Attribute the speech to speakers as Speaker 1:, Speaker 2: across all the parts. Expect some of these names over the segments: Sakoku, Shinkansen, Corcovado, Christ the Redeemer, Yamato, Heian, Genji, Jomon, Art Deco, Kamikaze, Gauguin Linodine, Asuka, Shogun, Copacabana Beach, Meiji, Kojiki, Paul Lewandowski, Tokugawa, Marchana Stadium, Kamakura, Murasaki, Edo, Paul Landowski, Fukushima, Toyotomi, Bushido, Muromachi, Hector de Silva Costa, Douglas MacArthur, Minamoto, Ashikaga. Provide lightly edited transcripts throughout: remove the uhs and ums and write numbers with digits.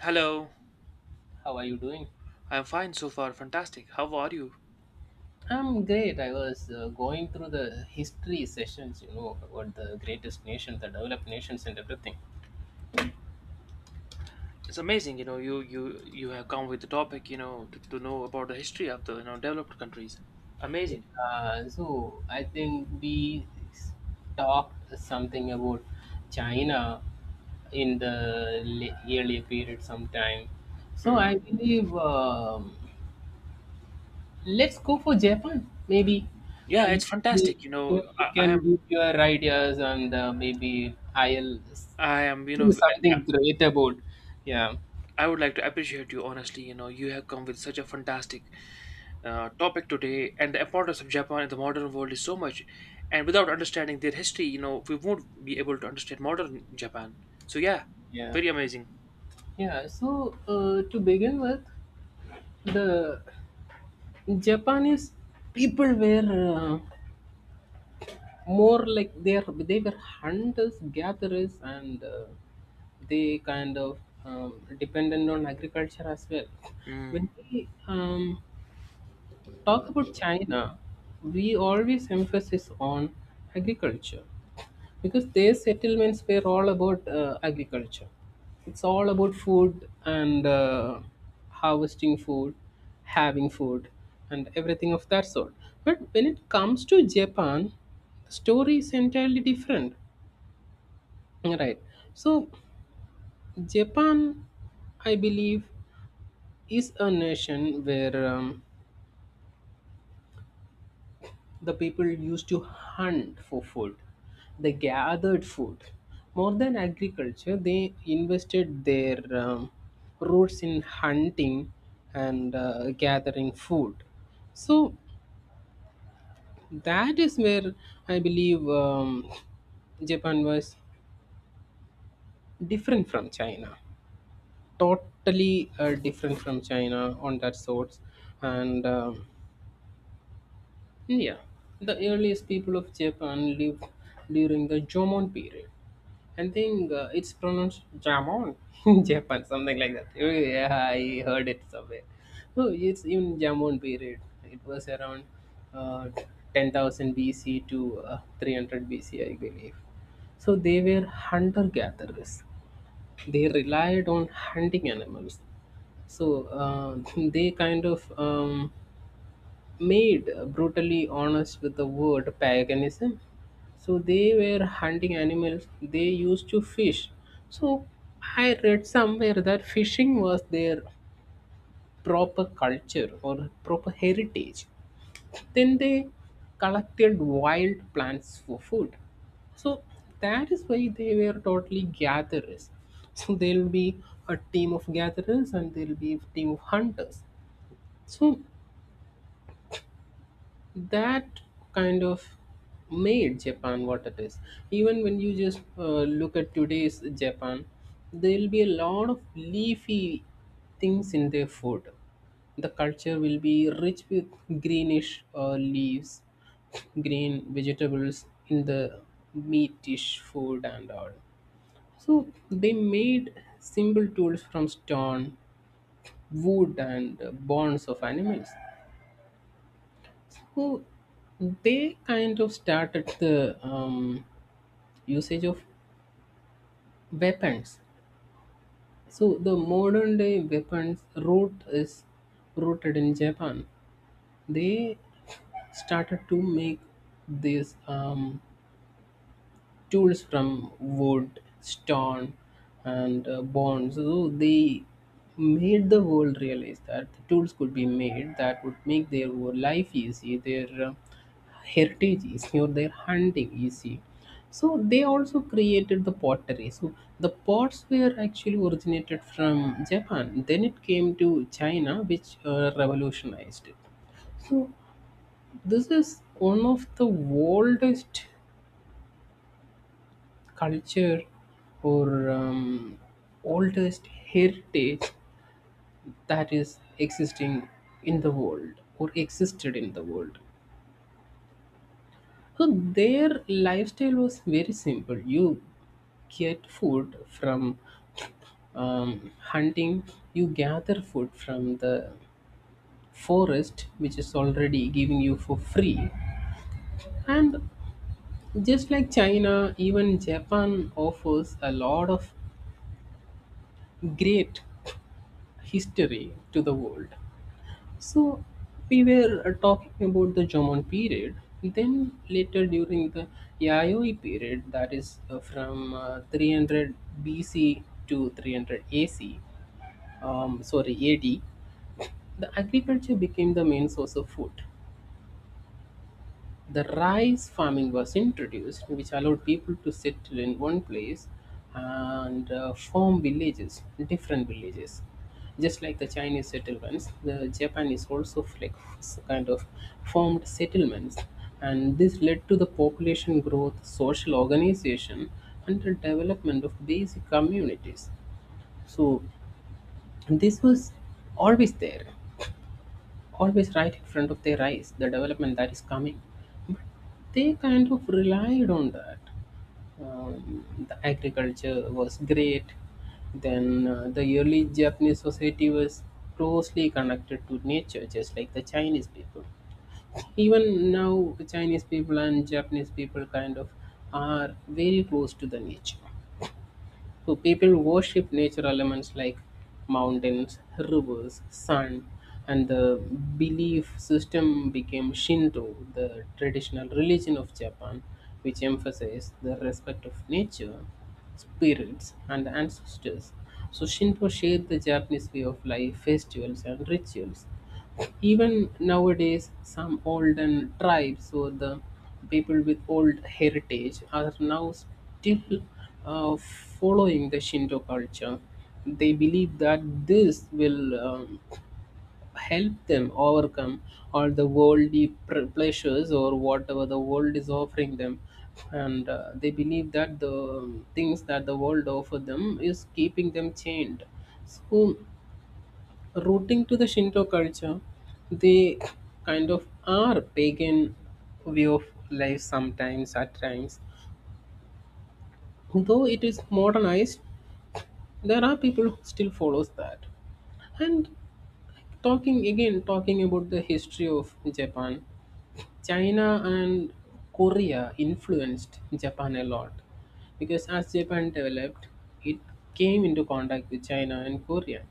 Speaker 1: Hello,
Speaker 2: How are you doing?
Speaker 1: I'm fine so far. Fantastic. How are you?
Speaker 2: I'm great. I was going through the history sessions, you know, about the greatest nations, the developed nations, and everything.
Speaker 1: It's amazing, you have come with the topic, to know about the history of the developed countries.
Speaker 2: Yeah.
Speaker 1: Amazing.
Speaker 2: So I think s- talked something about China in the earlier period sometime. So
Speaker 1: Mm.
Speaker 2: I believe let's go for Japan. Maybe
Speaker 1: Yeah,
Speaker 2: uh, you,
Speaker 1: it's
Speaker 2: you
Speaker 1: fantastic. You know,
Speaker 2: you can give your ideas and maybe I'll s-
Speaker 1: I am you know
Speaker 2: something great about yeah
Speaker 1: I would like to appreciate you honestly. You have come with such a fantastic topic today, and the importance of Japan in the modern world is so much. And without understanding their history, we won't be able to understand modern Japan. So yeah,
Speaker 2: yeah
Speaker 1: very amazing.
Speaker 2: yeah so to begin with, the japanese people were uh, more like they were hunters gatherers and they kind of um, dependent on agriculture as well.
Speaker 1: Mm.
Speaker 2: When we talk about china, we always emphasize on agriculture because their settlements were all about agriculture. It's all about food and harvesting food, having food, and everything of that sort. But when it comes to japan, the story is entirely different, right? So japan, I believe, is a nation where the people used to hunt for food. They gathered food. More than agriculture, they invested their roots in hunting and gathering food. So that is where I believe japan was different from china, totally different from china on that sorts. And yeah, the earliest people of japan lived during the jomon period. I think it's pronounced jamon in Japan, something like that. Oh, yeah, I heard it somewhere. No, it's even jamon period. It was around uh, 10,000 BC to 300 BC, I believe. So they were hunter gatherers. They relied on hunting animals. So they made brutally honest with the word paganism. So they were hunting animals, they used to fish. So I read somewhere that fishing was their proper culture or proper heritage. Then they collected wild plants for food. So that is why they were totally gatherers. So there'll be a team of gatherers and there'll be a team of hunters. So that kind of made Japan what it is. Even when you just look at today's Japan, there will be a lot of leafy things in their food. The culture will be rich with greenish leaves, green vegetables in the meatish food and all. So they made simple tools from stone, wood, and bones of animals. Who, they kind of started the usage of weapons. So the modern day weapons root is rooted in Japan. They started to make these tools from wood, stone, and bone. So they made the world realize that the tools could be made that would make their life easy, their heritage easy, or their hunting easy. So they also created the pottery. So the pots were actually originated from Japan. Then it came to China, which revolutionized it. So this is one of the oldest culture or oldest heritage that is existing in the world or existed in the world. So their lifestyle was very simple. You get food from hunting, you gather food from the forest, which is already giving you for free. And just like China, even Japan offers a lot of great history to the world. So we were talking about the Jomon period. Then later during the Yayoi period, that is from 300 BC to 300 AC, sorry AD, the agriculture became the main source of food. The rice farming was introduced, which allowed people to settle in one place and form villages, different villages. Just like the Chinese settlements, the Japanese also kind of formed settlements, and this led to the population growth, social organization, and the development of basic communities. So this was always there, always right in front of their eyes, the development that is coming. They kind of relied on that. The agriculture was great. Then the early Japanese society was closely connected to nature, just like the Chinese people. Even now, Chinese people and Japanese people kind of are very close to the nature. So people worship nature elements like mountains, rivers, sun, and the belief system became Shinto, the traditional religion of Japan, which emphasized the respect of nature, spirits, and ancestors. So Shinto shaped the Japanese way of life, festivals, and rituals. Even nowadays, some olden tribes or the people with old heritage are now still following the Shinto culture. They believe that this will help them overcome all the worldly pleasures or whatever the world is offering them. And they believe that the things that the world offer them is keeping them chained. So rooting to the Shinto culture, they kind of are pagan way of life sometimes at times. Though it is modernized, there are people who still follows that. And talking about the history of Japan, China and Korea influenced Japan a lot because as Japan developed, it came into contact with China and Korea,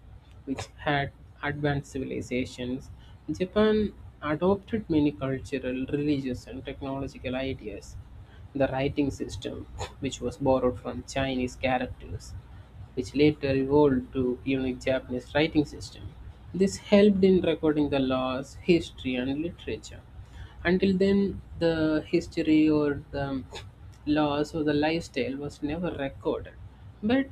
Speaker 2: which had advanced civilizations. Japan adopted many cultural, religious, and technological ideas. The writing system, which was borrowed from Chinese characters, which later evolved to unique Japanese writing system. This helped in recording the laws, history, and literature. Until then, the history or the laws or the lifestyle was never recorded. But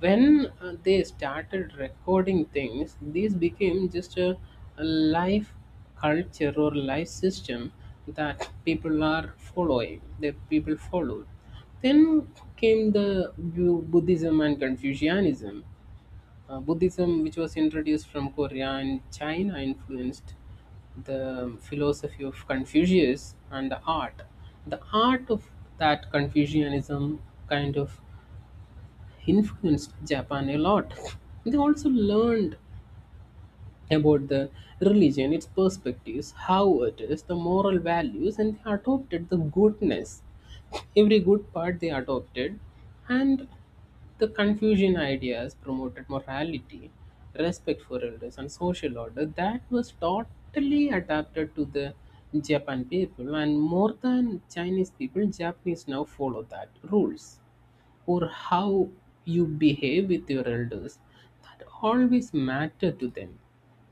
Speaker 2: when they started recording things, these became just a life culture or life system that people are following, that people followed. Then came the Buddhism and Confucianism. Buddhism, which was introduced from Korea and China, influenced the philosophy of Confucius and the art. The art of that Confucianism kind of influenced Japan a lot. They also learned about the religion, its perspectives, how it is, the moral values, and they adopted the goodness. Every good part they adopted, and the Confucian ideas promoted morality, respect for elders, and social order that was totally adapted to the Japan people, and more than Chinese people, Japanese now follow that rules or how you behave with your elders that always matter to them.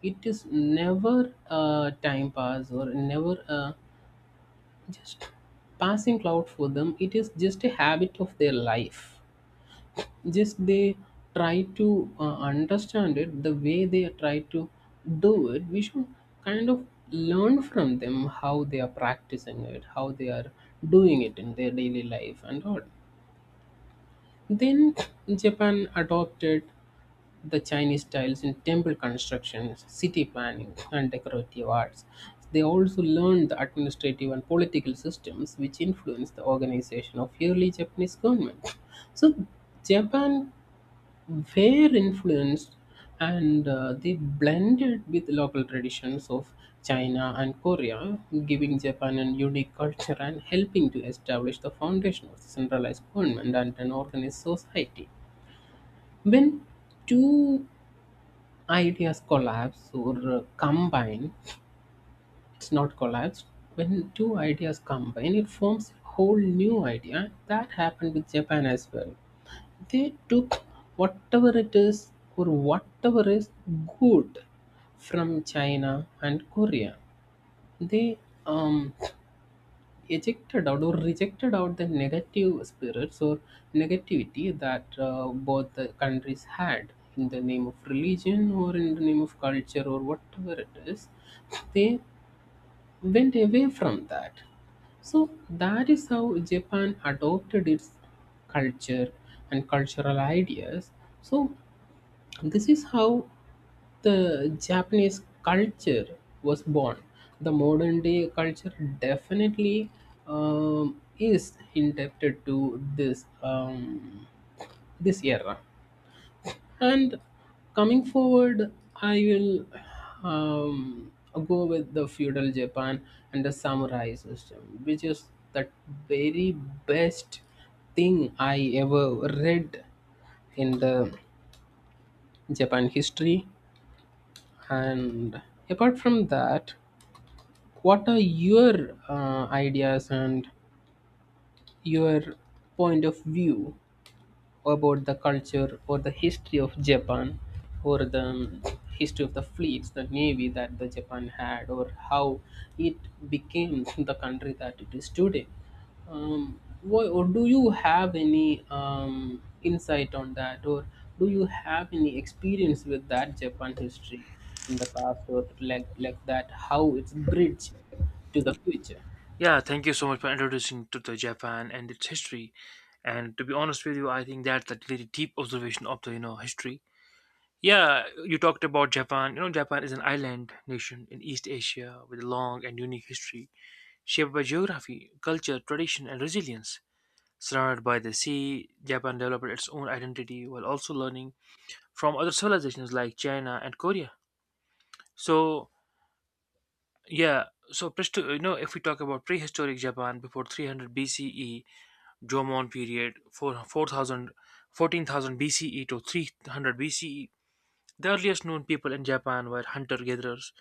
Speaker 2: It is never a time pass or never a just passing cloud for them. It is just a habit of their life. Just they try to understand it the way they try to do it. We should kind of learn from them how they are practicing it, how they are doing it in their daily life and all. Then Japan adopted the Chinese styles in temple constructions, city planning, and decorative arts. They also learned the administrative and political systems which influenced the organization of early Japanese government. So, Japan were influenced and they blended with local traditions of China and Korea, giving Japan a unique culture and helping to establish the foundation of centralized government and an organized society. When two ideas collapse or combine, it's not collapsed. When two ideas combine, it forms a whole new idea. That happened with Japan as well. They took whatever it is or whatever is good from China and Korea. They um, ejected out or rejected out the negative spirits or negativity that both the countries had in the name of religion or in the name of culture or whatever it is. They went away from that. So that is how japan adopted its culture and cultural ideas. So this is how the Japanese culture was born. The modern day culture definitely is indebted to this era. And coming forward, I will um, go with the feudal Japan and the samurai system, which is the very best thing I ever read in the Japan history. And apart from that, what are your ideas and your point of view about the culture or the history of Japan or the history of the fleets, the navy that the Japan had, or how it became the country that it is today? Why, or do you have any insight on that, or do you have any experience with that Japan history in the past, or like that, how it's bridged to the future?
Speaker 1: Yeah, thank you so much for introducing to the Japan and its history. And to be honest with you, I think that's a really deep observation of the history. Yeah, you talked about Japan. Japan is an island nation in East Asia with a long and unique history shaped by geography, culture, tradition, and resilience. Surrounded by the sea, Japan developed its own identity while also learning from other civilizations like China and Korea. So yeah, if we talk about prehistoric Japan before 300 BCE, Jomon period 4,000 BCE to 300 BCE. The earliest known people in Japan were hunter gatherers.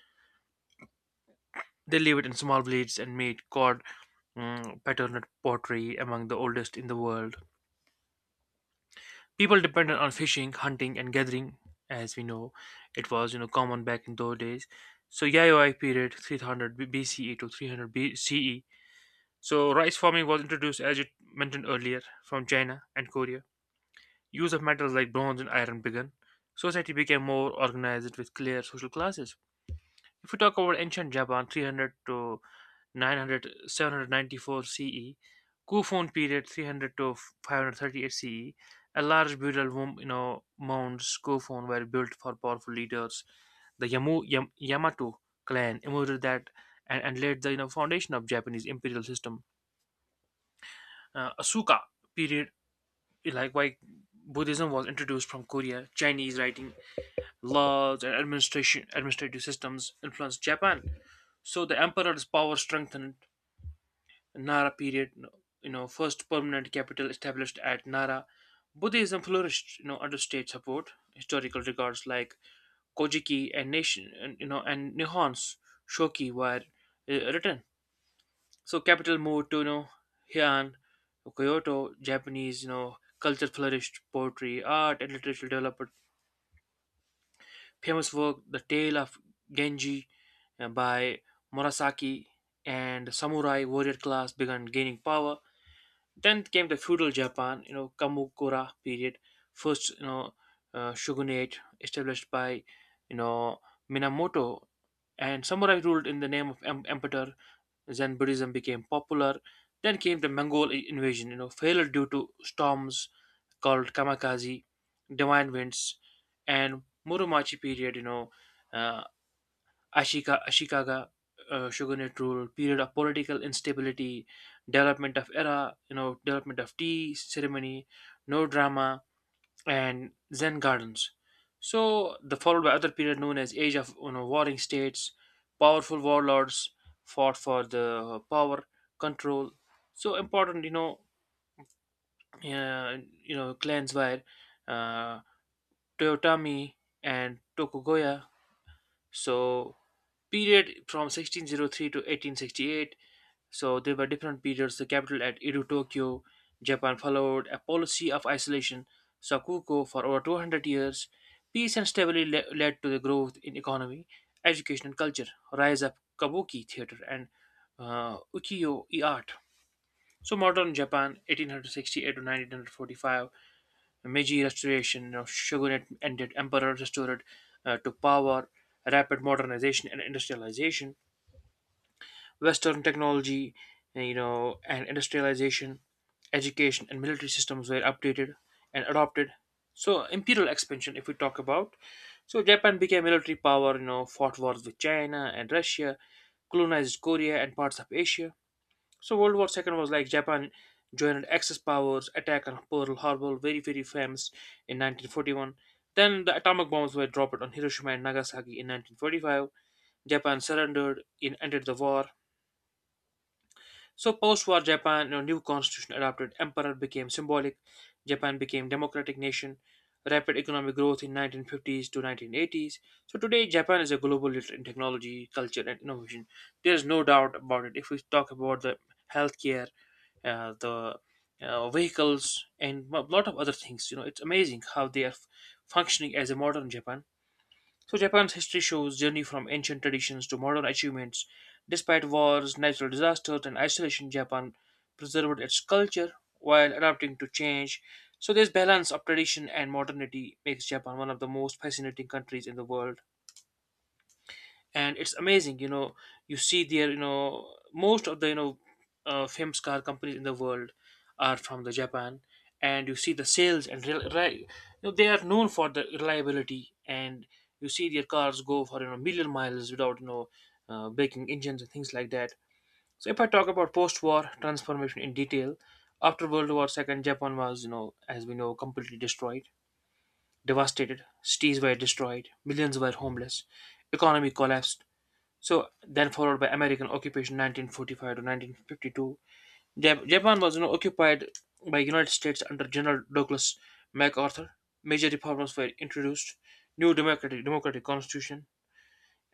Speaker 1: They lived in small villages and made patterned pottery, among the oldest in the world. People depended on fishing, hunting, and gathering, as we know it was common back in those days. So Yayoi period 300 BCE to 300 BCE. So rice farming was introduced, as you mentioned earlier, from China and Korea. Use of metals like bronze and iron began. Society became more organized with clear social classes. If we talk about ancient Japan, 300 to 900, 794 CE, Kufun period, 300 to 538 CE, a large burial womb, mounds Kufun were built for powerful leaders. The Yamato clan emerged and laid the foundation of Japanese imperial system. Asuka period, like why Buddhism was introduced from Korea, Chinese writing laws, and administration administrative systems influenced Japan. So the emperor's power strengthened in Nara period. First permanent capital established at Nara. Buddhism flourished, under state support. Historical records like Kojiki and Nation, and, you know, and Nihon's Shoki were written. So capital moved to Heian, Kyoto. Japanese, culture flourished. Poetry, art, and literature developed famous work The Tale of Genji by Murasaki, and samurai warrior class began gaining power. Then came the feudal Japan, Kamakura period, first shogunate established by you know Minamoto, and samurai ruled in the name of emperor. Zen Buddhism became popular. Then came the Mongol invasion, failed due to storms called Kamikaze, Divine Winds, and Muromachi period, uh, Ashikaga, shogunate rule, period of political instability, development of era, development of tea ceremony, no drama, and Zen gardens. So, the followed by other period known as Age of Warring States, powerful warlords fought for the power, control. So important, uh, clans were uh, Toyotomi and Tokugawa. So period from 1603 to 1868. So there were different periods. The capital at Edo, Tokyo, Japan followed a policy of isolation, Sakuko, for over 200 years. Peace and stability led to the growth in economy, education, and culture. Rise of kabuki theater and ukiyo-e art. So modern Japan, 1868 to 1945. Meiji Restoration, shogunate ended, emperor restored to power, rapid modernization and industrialization, Western technology, and industrialization, education and military systems were updated and adopted. So imperial expansion, if we talk about, so Japan became military power, fought wars with China and Russia, colonized Korea and parts of Asia. So World War Second was like Japan joined Axis powers attack on Pearl Harbor, very very famous in 1941. Then the atomic bombs were dropped on Hiroshima and Nagasaki in 1945. Japan surrendered and ended the war. So post-war Japan, a new constitution adopted. Emperor became symbolic. Japan became democratic nation. Rapid economic growth in 1950s to 1980s. So today Japan is a global leader in technology, culture, and innovation. There is no doubt about it. If we talk about the healthcare, the vehicles, and a lot of other things. It's amazing how they are functioning as a modern Japan. So Japan's history shows journey from ancient traditions to modern achievements. Despite wars, natural disasters, and isolation, Japan preserved its culture while adapting to change. So this balance of tradition and modernity makes Japan one of the most fascinating countries in the world, and it's amazing. You know you see there, most of the famous car companies in the world are from the Japan. And you see the sales and they are known for the reliability, and you see their cars go for million miles without breaking engines and things like that. So if I talk about post-war transformation in detail, after World War II, Japan was, as we know, completely destroyed, devastated. Cities were destroyed, millions were homeless, economy collapsed. So then followed by American occupation 1945 to 1952. Japan was occupied by United States under General Douglas MacArthur. Major reforms were introduced, new democratic constitution.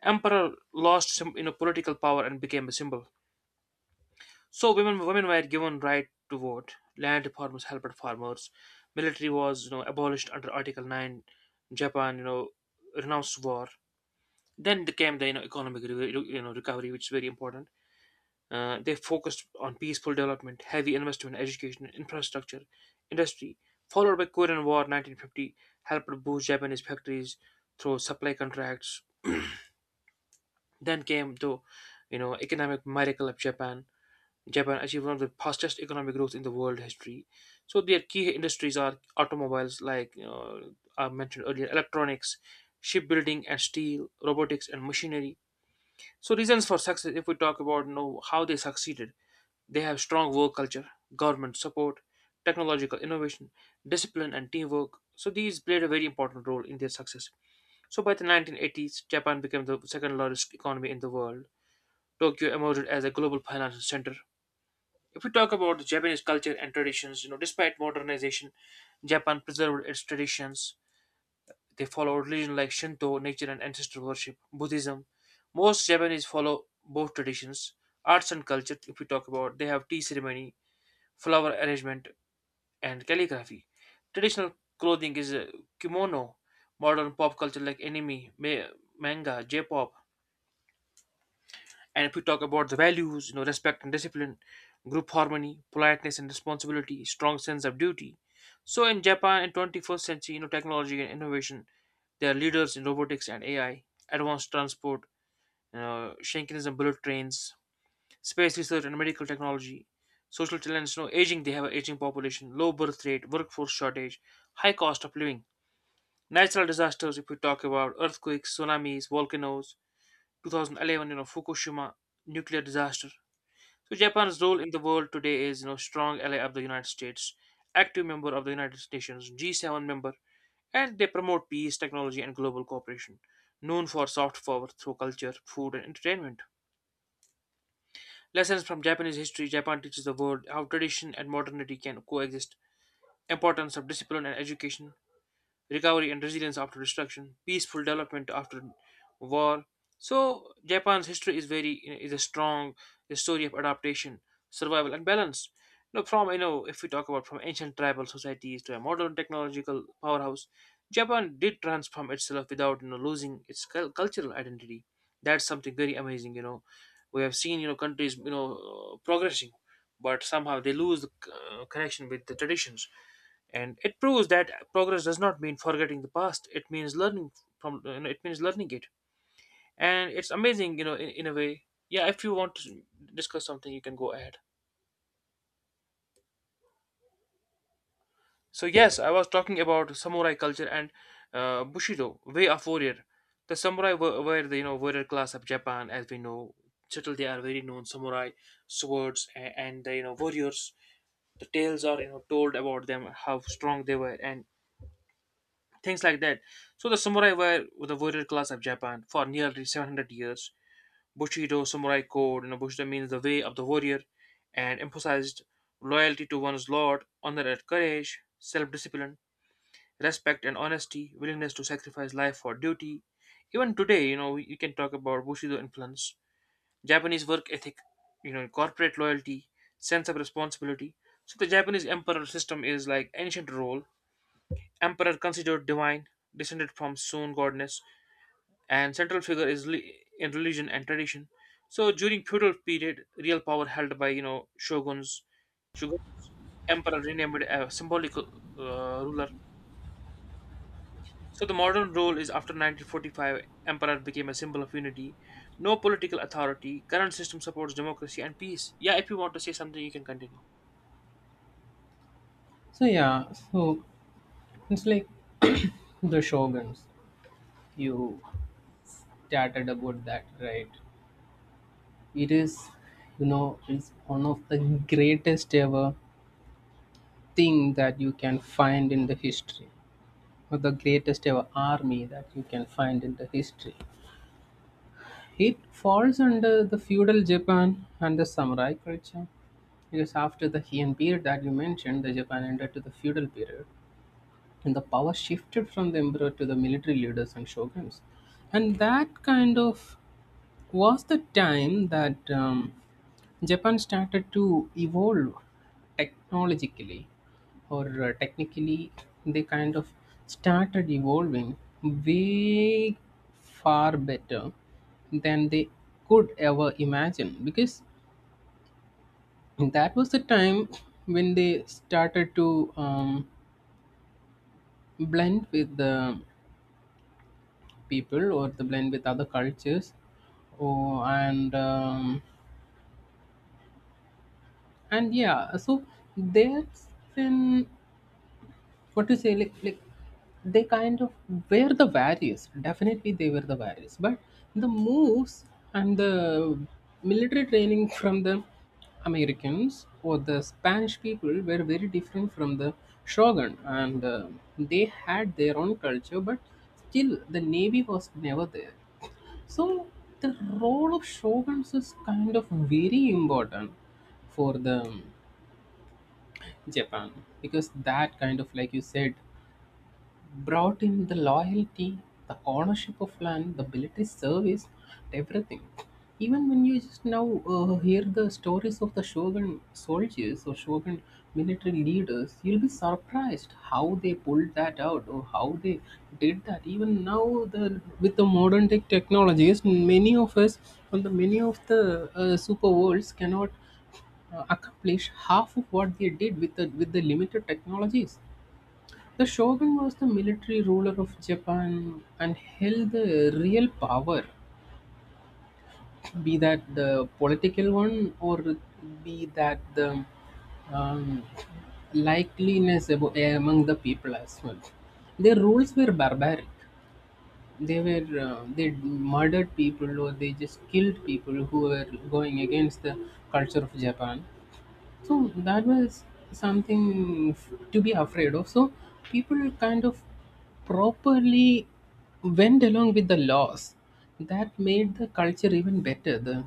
Speaker 1: Emperor lost some political power and became a symbol. So women were given right to vote. Land reforms helped farmers. Military was abolished under Article 9. Japan renounced war. Then there came the economic recovery, which is very important. They focused on peaceful development, heavy investment in education, infrastructure, industry, followed by Korean War 1950 helped boost Japanese factories through supply contracts. Then came the economic miracle of Japan. Japan achieved one of the fastest economic growth in the world history. So their key industries are automobiles, like I mentioned earlier, electronics, shipbuilding and steel, robotics and machinery. So reasons for success. If we talk about how they succeeded, they have strong work culture, government support, technological innovation, discipline, and teamwork. So these played a very important role in their success. So by the 1980s, Japan became the second largest economy in the world. Tokyo emerged as a global financial center. If we talk about the Japanese culture and traditions, despite modernization, Japan preserved its traditions. They follow religion like Shinto, nature and ancestor worship, Buddhism. Most Japanese follow both traditions. Arts and culture, if we talk about, they have tea ceremony, flower arrangement, and calligraphy. Traditional clothing is kimono, modern pop culture like anime, manga, J-pop. And if we talk about the values, respect and discipline, group harmony, politeness and responsibility, strong sense of duty. So in Japan in 21st century, technology and innovation, they are leaders in robotics and AI, advanced transport, Shinkanism bullet trains, space research and medical technology. Social challenges, no aging, they have an aging population, low birth rate, workforce shortage, high cost of living. Natural disasters, if we talk about earthquakes, tsunamis, volcanoes, 2011, Fukushima nuclear disaster. So Japan's role in the world today is, strong ally of the United States, active member of the United Nations, G7 member, and they promote peace, technology, and global cooperation. Known for soft power through culture, food, and entertainment. Lessons from Japanese history: Japan teaches the world how tradition and modernity can coexist, importance of discipline and education, recovery and resilience after destruction, peaceful development after war. So Japan's history is a strong story of adaptation, survival, and balance. If we talk about from ancient tribal societies to a modern technological powerhouse, Japan did transform itself without losing its cultural identity. That's something very amazing. We have seen countries progressing, but somehow they lose the connection with the traditions, and it proves that progress does not mean forgetting the past. It means learning from, it means learning it. And it's amazing, in a way. Yeah, if you want to discuss something, you can go ahead. So yes, I was talking about samurai culture and bushido way of warrior. The samurai were the warrior class of Japan, as we know. Still they are very known. Samurai swords, and the warriors, the tales are told about them, how strong they were and things like that. So the samurai were the warrior class of Japan for nearly 700 years. Bushido samurai code, Bushido means the way of the warrior, and emphasized loyalty to one's lord, honor and courage, self-discipline, respect and honesty, willingness to sacrifice life for duty. Even today, you can talk about Bushido influence, Japanese work ethic, corporate loyalty, sense of responsibility. So the Japanese emperor system is like ancient role. Emperor considered divine, descended from Sun goddess, and central figure in religion and tradition. So during feudal period, real power held by shoguns, shogun emperor renamed a symbolic ruler. So the modern role is after 1945, emperor became a symbol of unity. No political authority. Current system supports democracy and peace. Yeah, if you want to say something, you can continue.
Speaker 2: So yeah, so it's like the shoguns. You started about that, right? It is, you know, it's one of the greatest ever thing that you can find in the history, or the greatest ever army that you can find in the history. It falls under the feudal Japan and the samurai culture. Because after the Heian period that you mentioned, the Japan entered to the feudal period, and the power shifted from the emperor to the military leaders and shoguns, and that kind of was the time that Japan started to evolve technologically or technically they kind of started evolving way far better than they could ever imagine, because that was the time when they started to blend with the people or the blend with other cultures or and yeah, so that's in what to say, like they kind of were the various, definitely they were the various, but the moves and the military training from the americans or the spanish people were very different from the shogun, and they had their own culture but still the navy was never there. So the role of shoguns is kind of very important for them, Japan, because that kind of, like you said, brought him the loyalty, the ownership of land, the military service, everything. Even when you just now hear the stories of the Shogun soldiers or Shogun military leaders, you'll be surprised how they pulled that out or how they did that. Even now, the with the modern technologies, many of us and the many of the super worlds cannot accomplish half of what they did with the limited technologies. The shogun was the military ruler of Japan and held the real power, be that the political one or be that the um, likeliness among the people as well. Their rules were barbaric. They were they murdered people, or they just killed people who were going against the culture of Japan. So that was something to be afraid of. So people kind of properly went along with the laws. That made the culture even better. The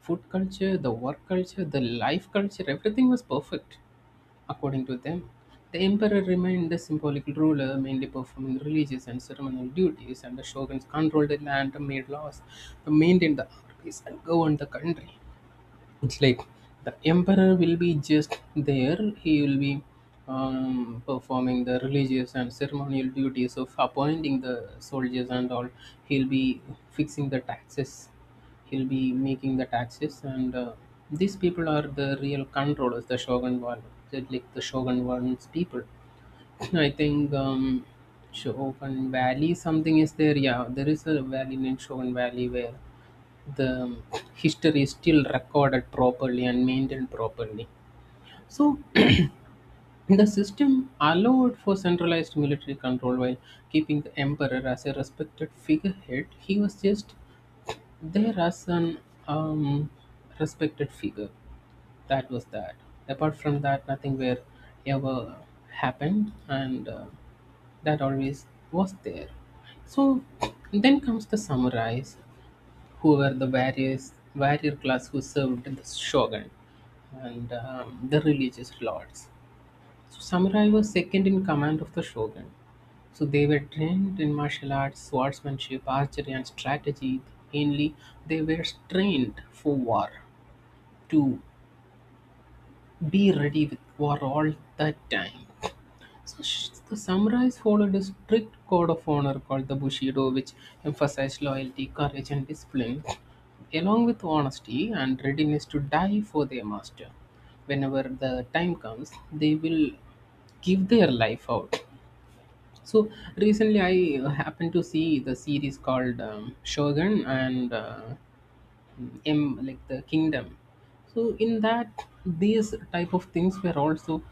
Speaker 2: food culture, the work culture, the life culture, everything was perfect according to them. The emperor remained the symbolic ruler, mainly performing religious and ceremonial duties, and the shoguns controlled the land and made laws, maintained the armies, and governed the country. It's like the emperor will be just there, he will be performing the religious and ceremonial duties of appointing the soldiers and all, he'll be fixing the taxes, he'll be making the taxes, and these people are the real controllers, the shogun one, like the shogun one's people. No, I think Shogun Valley, something is there. Yeah, there is a valley named Shogun Valley where the history is still recorded properly and maintained properly. So the system allowed for centralized military control while keeping the emperor as a respected figurehead. He was just there as an um, respected figure. That was that. Apart from that, nothing where ever happened and. That always was there. So then comes the samurais, who were the various warrior class who served the shogun and the religious lords. So samurai was second in command of the shogun. So they were trained in martial arts, swordsmanship, archery, and strategy. Mainly, they were trained for war, to be ready with war all the time. So the samurais followed a strict code of honor called the Bushido, which emphasized loyalty, courage, and discipline, along with honesty and readiness to die for their master. Whenever the time comes, they will give their life out. So recently, I happened to see the series called Shogun, and em like the kingdom. So in that, these type of things were also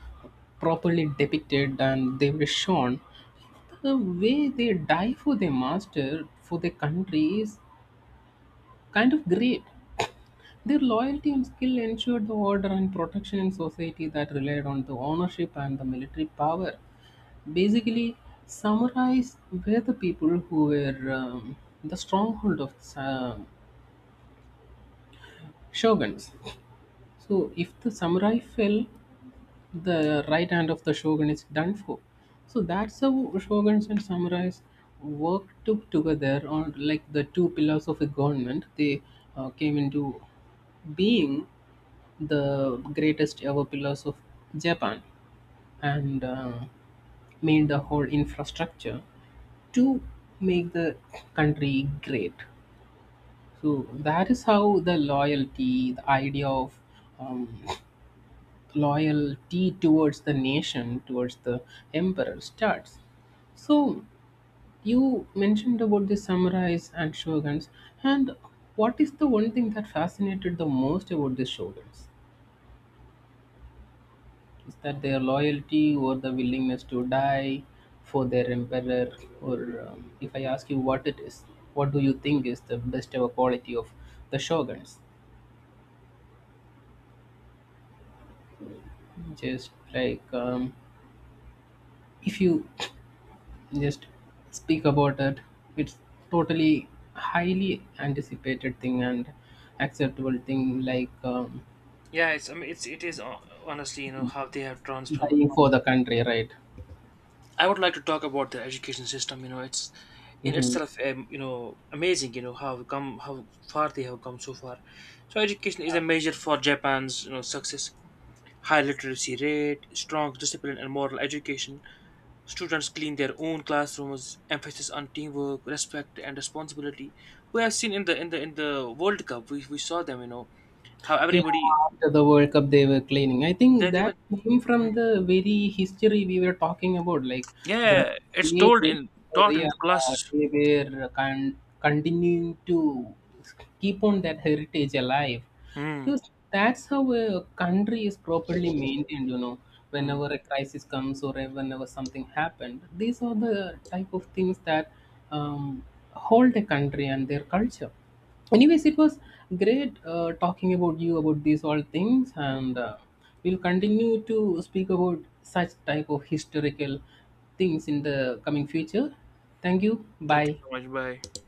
Speaker 2: properly depicted, and they were shown the way they die for their master for their country is kind of great. Their loyalty and skill ensured the order and protection in society that relied on the ownership and the military power. Basically, samurais were the people who were the stronghold of shoguns. So if the samurai fell, the right hand of the shogun is done for. So that's how shoguns and samurais worked together on like the two pillars of a government. They came into being the greatest ever pillars of Japan, and made the whole infrastructure to make the country great. So that is how the loyalty, the idea of um, loyalty towards the nation, towards the emperor starts. So, you mentioned about the samurais and shoguns, and what is the one thing that fascinated the most about the shoguns? Is that their loyalty or the willingness to die for their emperor? Or, if I ask you what it is, what do you think is the best ever quality of the shoguns? Just like if you just speak about it, it's totally highly anticipated thing and acceptable thing, like
Speaker 1: Yeah, it's I mean, it is honestly, how they have transformed.
Speaker 2: dying for the country, right?
Speaker 1: I would like to talk about the education system. It's in
Speaker 2: Hmm.
Speaker 1: itself, amazing. You know how how far they have come so far. So education is a measure for Japan's, success. High literacy rate, strong discipline and moral education. Students clean their own classrooms. Emphasis on teamwork, respect, and responsibility. We have seen in the in the World Cup, we saw them. You know how
Speaker 2: Yeah,
Speaker 1: everybody,
Speaker 2: after the world cup they were cleaning, I think
Speaker 1: they
Speaker 2: that
Speaker 1: were.
Speaker 2: came from
Speaker 1: Mm.
Speaker 2: the very history we were talking about, like the
Speaker 1: Yeah, it's
Speaker 2: way
Speaker 1: told
Speaker 2: they
Speaker 1: in
Speaker 2: were,
Speaker 1: taught in the
Speaker 2: yeah,
Speaker 1: classes.
Speaker 2: they were continuing to keep on that heritage alive.
Speaker 1: Hmm.
Speaker 2: Because that's how a country is properly maintained, you know.
Speaker 1: Hmm.
Speaker 2: Whenever a crisis comes or whenever something happened, these are the type of things that um, hold a country and their culture. Anyways, it was great talking about you about these all things,
Speaker 1: Hmm.
Speaker 2: and we'll continue to speak about such type of historical things in the coming future. Thank you.
Speaker 1: Thank you
Speaker 2: Bye.
Speaker 1: so much. Bye.